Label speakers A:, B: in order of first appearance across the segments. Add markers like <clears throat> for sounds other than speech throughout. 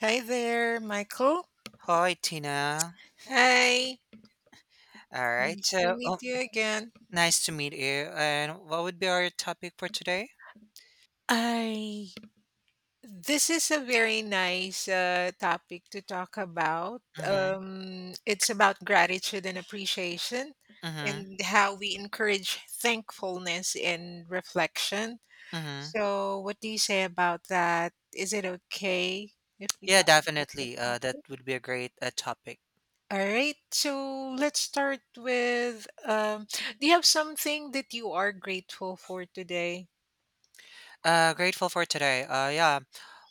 A: Hi there, Michael.
B: Hi, Tina.
A: Hi.
B: All right.
A: Nice to
B: So,
A: meet you again.
B: nice to meet you. And what would be our topic for today?
A: I This is a very nice topic to talk about.
B: Mm-hmm.
A: It's about gratitude and appreciation,
B: Mm-hmm.
A: and how we encourage thankfulness and reflection.
B: Mm-hmm.
A: So, what do you say about that? Is it okay if we
B: Yeah,
A: talk about that
B: definitely. That
A: topic?
B: would be a great topic.
A: All right, so let's start with do you have something that you are grateful for today?
B: Grateful for today. Yeah.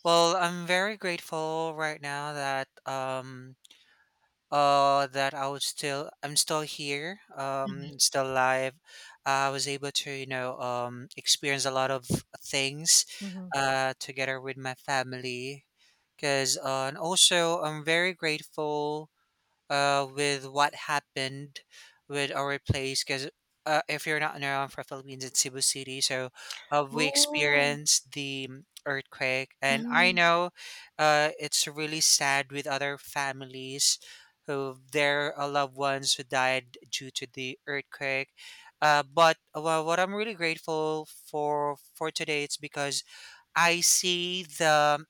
B: Well, I'm very grateful right now that that I'm still here,
A: Mhm.
B: still alive. I was able to, experience a lot of things
A: Mm-hmm.
B: together with my family, because and also I'm very grateful with what happened with our place, because if you're not around, for Philippines, it's Cebu City. So we
A: Oh,
B: experienced the earthquake, and I
A: mm-hmm,
B: know it's really sad with other families who their loved ones who died due to the earthquake. But well, what I'm really grateful for today, it's because I see the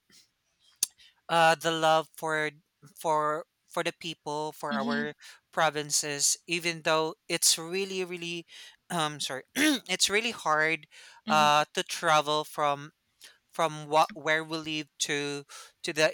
B: uh, the love for the people, for
A: mm-hmm,
B: our provinces, even though it's really, really, sorry, <clears throat> it's really hard
A: mm-hmm,
B: to travel from what where we live to the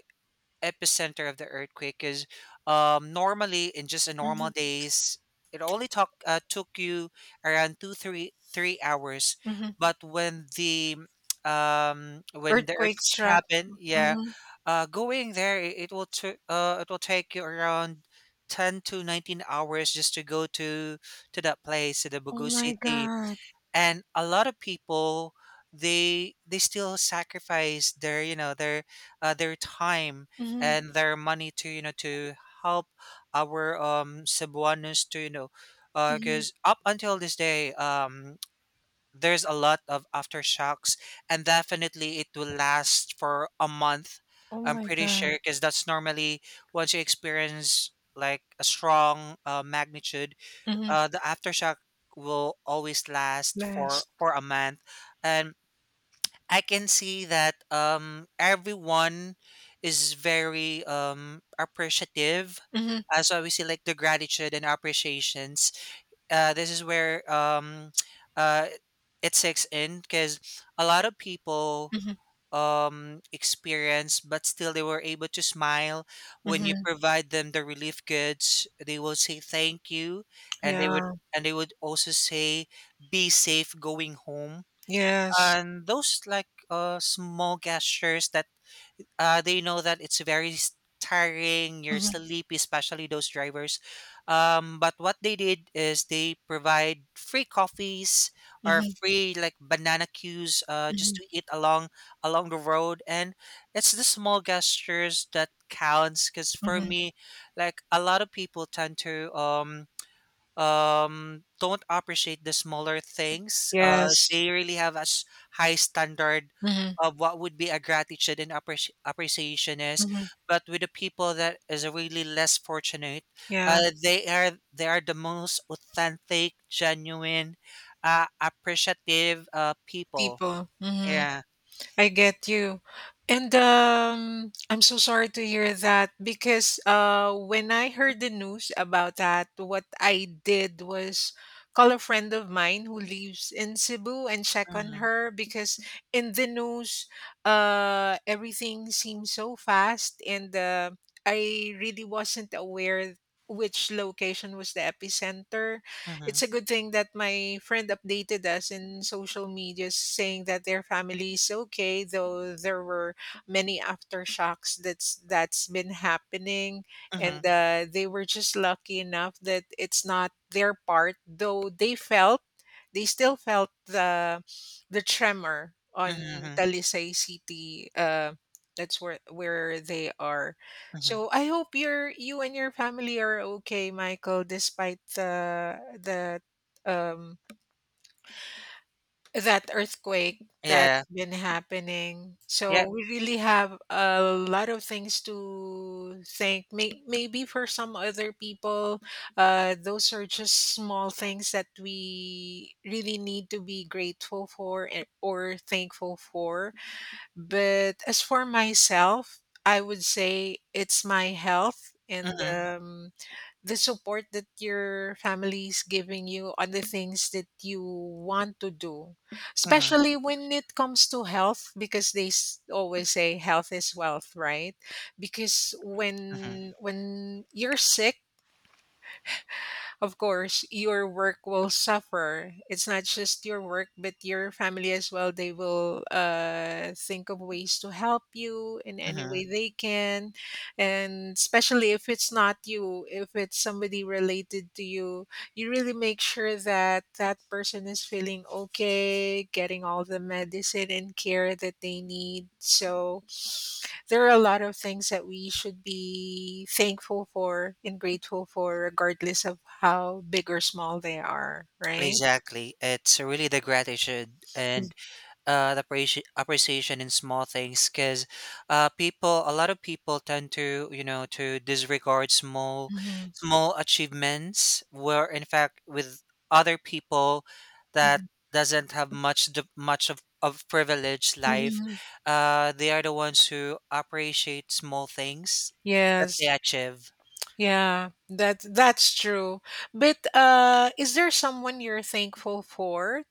B: epicenter of the earthquake. Because normally, in just a normal days, it only took you around 2, 3, 3 hours,
A: mm-hmm.
B: but when the
A: Earthquake
B: earthquake
A: struck.
B: happened, yeah,
A: Mm-hmm.
B: going there, it will take you around 10 to 19 hours just to go to that place, to the
A: Oh
B: Bugu
A: my
B: city.
A: god.
B: And a lot of people, they still sacrifice their, their, their time,
A: Mm-hmm,
B: and their money to you know to help our Cebuanos, to you know
A: mm-hmm.
B: because up until this day, there's a lot of aftershocks, and definitely it will last for a month.
A: Oh
B: I'm
A: my
B: pretty sure,
A: god.
B: because that's normally, once you experience like a strong magnitude,
A: Mm-hmm.
B: the aftershock will always last for
A: Blast.
B: for a month. And I can see that everyone is very appreciative,
A: Mm-hmm,
B: so we see like the gratitude and appreciations. This is where <tsk> uh it sinks in, because a lot of people
A: mm-hmm,
B: experience, but still they were able to smile. When you
A: mm-hmm.
B: provide them the relief goods, they will say thank you, and they would
A: Yeah.
B: and they would also say, "Be safe going home,"
A: Yes.
B: and those, like, small gestures that, they know that it's very tiring. You're
A: Mm-hmm,
B: sleepy, especially those drivers. But what they did is they provide free coffees, or
A: mm-hmm,
B: free like banana queues, just
A: mm-hmm,
B: to eat along the road, and it's the small gestures that counts. Because for
A: mm-hmm.
B: me, like, a lot of people tend to don't appreciate the smaller things.
A: Yes.
B: They really have a high standard
A: Mm-hmm,
B: of what would be a gratitude and appreciation is.
A: mm-hmm.
B: But with the people that is really less fortunate,
A: Yeah.
B: they are the most authentic, genuine, appreciative people,
A: People. Mm-hmm.
B: yeah.
A: I get you. And I'm so sorry to hear that because when I heard the news about that, what I did was call a friend of mine who lives in Cebu and check on
B: Mm-hmm,
A: her because in the news, everything seems so fast, and I really wasn't aware which location was the epicenter. It's
B: mm-hmm,
A: a good thing that my friend updated us in social media saying that their family is okay, though there were many aftershocks that's been happening,
B: mm-hmm,
A: and they were just lucky enough that it's not their part, though they felt they still felt the tremor on
B: mm-hmm,
A: Talisay City. That's where they are.
B: mm-hmm.
A: So I hope your you and your family are okay, Michael, despite the um that earthquake
B: Yeah,
A: that's been happening.
B: yeah.
A: So we really have a lot of things to thank. Maybe for some other people, those are just small things that we really need to be grateful for and, or thankful for. But as for myself, I would say it's my health and
B: Mm-hmm,
A: the support that your family is giving you on the things that you want to do,
B: mm-hmm,
A: especially when it comes to health, because they always say health is wealth, right? Because
B: mm-hmm.
A: when you're sick, of course, your work will suffer. It's not just your work, but your family as well. They will think of ways to help you in any
B: Mm-hmm.
A: way they can. And especially if it's not you, if it's somebody related to you, you really make sure that that person is feeling okay, getting all the medicine and care that they need. So, there are a lot of things that we should be thankful for and grateful for regardless of how big or small they are, right?
B: Exactly. It's really the gratitude and, the appreciation in small things. Because people a lot of people tend to to disregard small
A: Mhm,
B: small achievements, where in fact with other people that
A: mhm,
B: doesn't have much of privileged life,
A: mhm.
B: they are the ones who appreciate small things that they
A: Yes.
B: achieve.
A: Yeah, that's true. But is there someone you're thankful for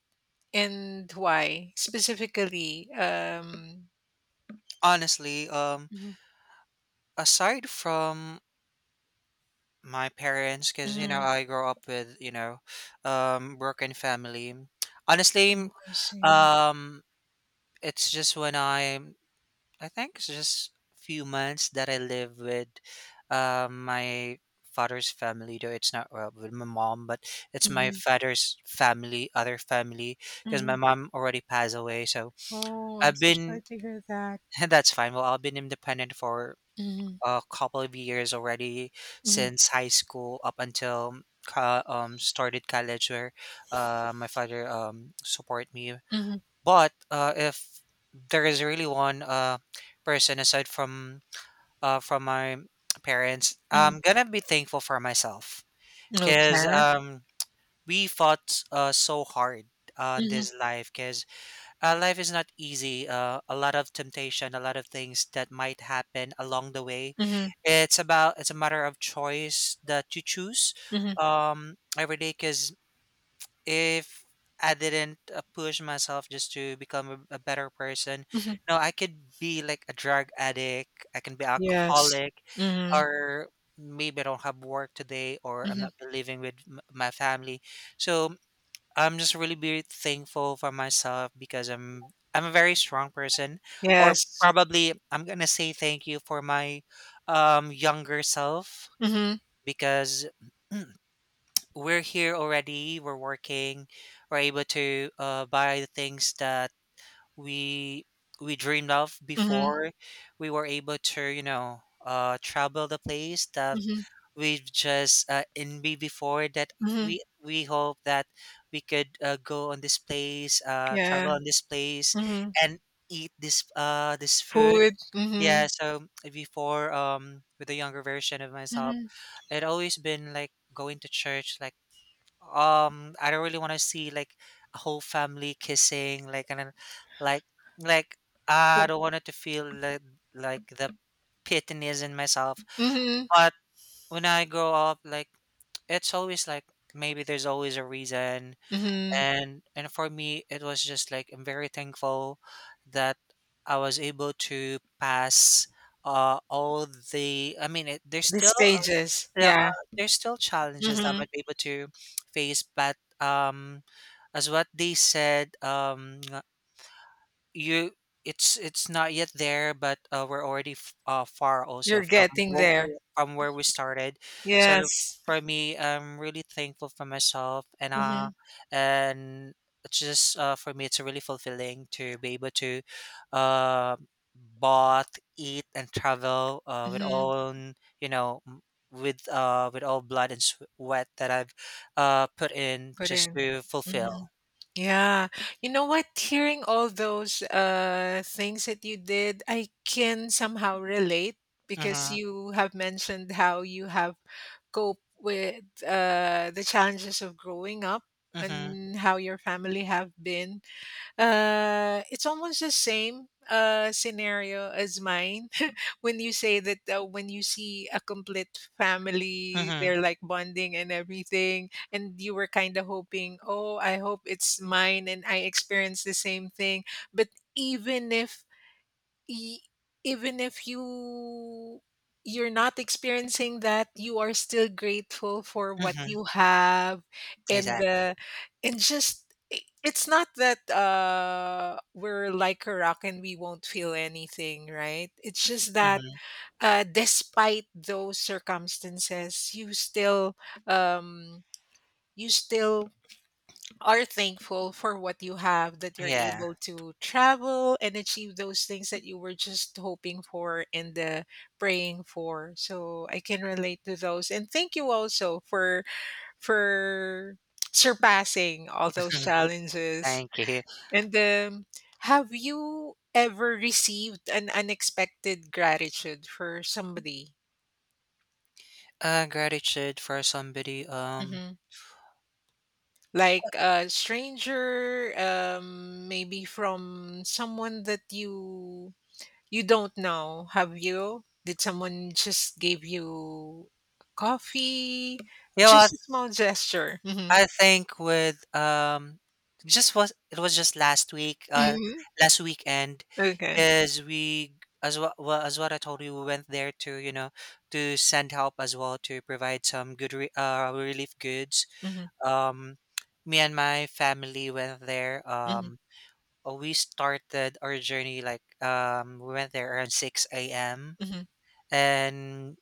A: and why specifically?
B: Honestly,
A: Mhm,
B: aside from my parents, because,
A: mhm.
B: I grew up with, broken family. Honestly,
A: I see.
B: um, it's just when I think it's just few months that I live with, my father's family, though it's not well, with my mom, but it's my
A: Mhm,
B: father's family, other family, because my
A: mhm.
B: mom already passed away. So
A: Oh, I'm
B: I've
A: so sorry
B: been
A: to hear that.
B: <laughs> That's fine. Well, I've been independent for
A: Mhm,
B: a couple of years already,
A: mhm,
B: since high school up until started college, where my father support me.
A: mhm,
B: But if there is really one person aside from my parents,
A: mhm.
B: I'm gonna be thankful for myself, because
A: Okay.
B: we fought so hard on this life, because, life is not easy. A lot of temptation, a lot of things that might happen along the way.
A: Mhm,
B: It's a matter of choice that you choose,
A: mhm,
B: every day. Because if I didn't, push myself just to become a better person,
A: mhm.
B: no, I could be like a drug addict. I can be
A: Yes.
B: alcoholic,
A: Mhm,
B: or maybe I don't have work today, or I'm
A: mhm.
B: not living with my family. So I'm just really be thankful for myself, because I'm a very strong person. Or
A: Yes.
B: probably I'm gonna say thank you for my, younger self,
A: Mhm,
B: because <clears throat> we're here already, we're working, we're able to, buy the things that we we dreamed of
A: mhm,
B: before. We were able to, travel the place that
A: mhm,
B: we've just, envy before, that
A: mhm.
B: we hope that we could, go on this place,
A: Yeah.
B: travel on this place,
A: Mhm.
B: and eat this food.
A: Food. Mhm,
B: Yeah, so before, with the younger version of myself,
A: mhm.
B: it always been like going to church, like, I don't really want to see like a whole family kissing, like, and then, like like I
A: Well,
B: don't want it to feel like the pity in myself.
A: mhm,
B: But when I grow up, like, it's always like, maybe there's always a reason.
A: mhm.
B: And for me, it was just like, I'm very thankful that I was able to pass all the I mean, there's
A: The
B: still,
A: stages.
B: yeah,
A: Yeah.
B: there's still challenges that I
A: Mhm.
B: might be able to face. But, as what they said, you it's not yet there, but, we're already far, also,
A: You're
B: from
A: getting
B: where
A: there.
B: we started. So
A: Yes.
B: for me, I'm really thankful for myself, and
A: Mhm,
B: and it's just, for me, it's really fulfilling to be able to, uh bought, eat, and travel, with
A: mhm.
B: own, you know m- with all blood and sweat that I've put in
A: Put
B: just
A: in.
B: to fulfill.
A: Mhm. Yeah. You know what? Hearing all those things that you did, I can somehow relate because
B: Mm-hmm,
A: you have mentioned how you have cope with the challenges of growing up
B: mm-hmm,
A: and how your family have been. It's almost the same scenario as mine. <laughs> When you say that when you see a complete family,
B: mm-hmm.
A: they're like bonding and everything, and you were kind of hoping, oh, I hope it's mine and I experience the same thing. But even if e- even if you're not experiencing that, you are still grateful for what
B: Mm-hmm.
A: you have and
B: Exactly.
A: uh, and just it's not that we're like a rock and we won't feel anything, right? It's just that
B: Mhm.
A: despite those circumstances um you still are thankful for what you have, that you're
B: Yeah.
A: able to travel and achieve those things that you were just hoping for and praying for. So I can relate to those, and thank you also for surpassing all those
B: <laughs>
A: challenges.
B: Thank you.
A: And have you ever received an unexpected gratitude for somebody?
B: Gratitude for somebody.
A: hmm like a stranger, maybe from someone that you don't know, have you? Did someone just give you coffee?
B: You know
A: Just
B: what?
A: a small gesture.
B: I think, with just was it was just last week.
A: Hmm
B: Last weekend,
A: Okay.
B: is we as what well, as what I told you, we went there to, to send help as well, to provide some good relief goods.
A: hmm
B: Um, Me and my family went there.
A: hmm
B: We started our journey, like, we went there around 6 a.m.
A: hmm
B: And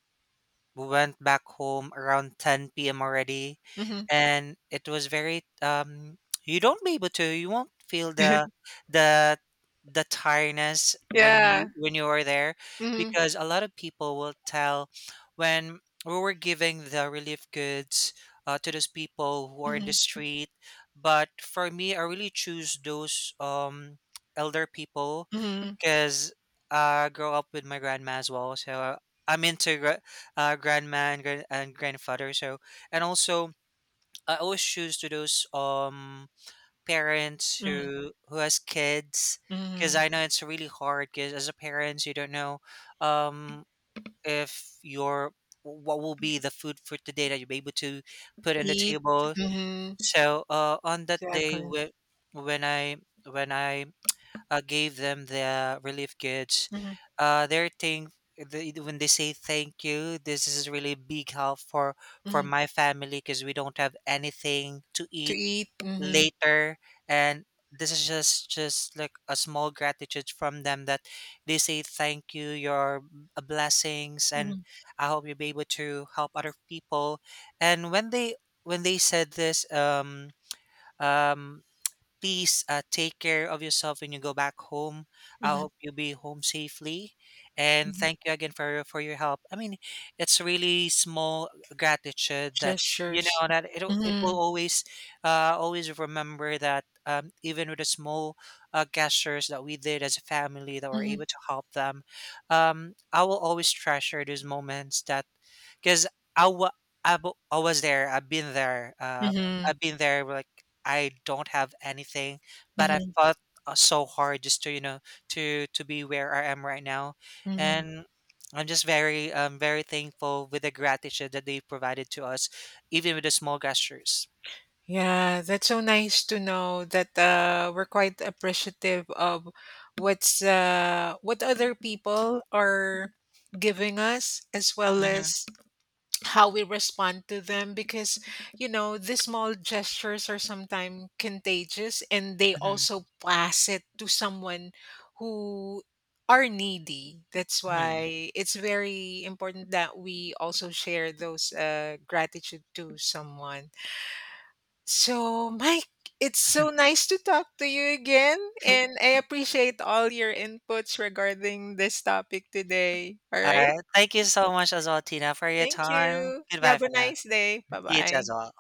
B: we went back home around 10 p.m. already,
A: hmm
B: and it was very, you don't be able to you won't feel the the tiredness when
A: Yeah.
B: you when you are there,
A: hmm
B: because a lot of people will tell, when we were giving the relief goods, to those people who are in the
A: hmm
B: street. But for me, I really choose those, elder people,
A: hmm
B: because I grow up with my grandma as well. So I'm into, grandma and grandfather. So, and also, I always choose to those, parents
A: hmm
B: who has kids, because
A: hmm
B: I know it's really hard, because as a parent, you don't know, um if your what will be the food for today that you'll be able to put on the
A: Eat.
B: table.
A: hmm
B: So, on that day,
A: Exactly.
B: when I when I gave them the relief goods.
A: hmm
B: Uh, they're thank when they say thank you, this is really big help for
A: hmm
B: my family, because we don't have anything to
A: To
B: eat
A: eat.
B: later, and this is just like a small gratitude from them, that they say thank you, your, blessings, and
A: Hmm
B: I hope you'll be able to help other people. And when they said this. Um, Please, take care of yourself when you go back home. I
A: hmm
B: hope you'll be home safely. And
A: hmm
B: thank you again for your help. I mean, it's really small gratitude that you
A: Gestures.
B: know that it
A: hmm
B: will always, always remember. That Even with the small, gestures that we did as a family, that were
A: hmm
B: able to help them, I will always treasure those moments. That Because I wa- I was there. I've been there.
A: hmm
B: I've been there. Like, I don't have anything, but I
A: hmm
B: fought, so hard, just to you know to be where I am right now,
A: hmm
B: and I'm just very, very thankful with the gratitude that they provided to us, even with the small gestures.
A: Yeah, that's so nice to know that we're quite appreciative of what's what other people are giving us, as well
B: Hmm.
A: as how we respond to them. Because you know, the small gestures are sometimes contagious, and they
B: Hmm.
A: also pass it to someone who are needy. That's
B: Hmm.
A: why it's very important that we also share those gratitude to someone. So, Mike, it's so nice to talk to you again, and
B: <laughs>
A: I appreciate all your inputs regarding this topic today. All
B: All
A: right.
B: right, thank you so much as well, Tina, for your
A: Thank
B: time.
A: you. You
B: Goodbye
A: have a
B: for now.
A: nice day. Bye
B: You too
A: bye.
B: as well.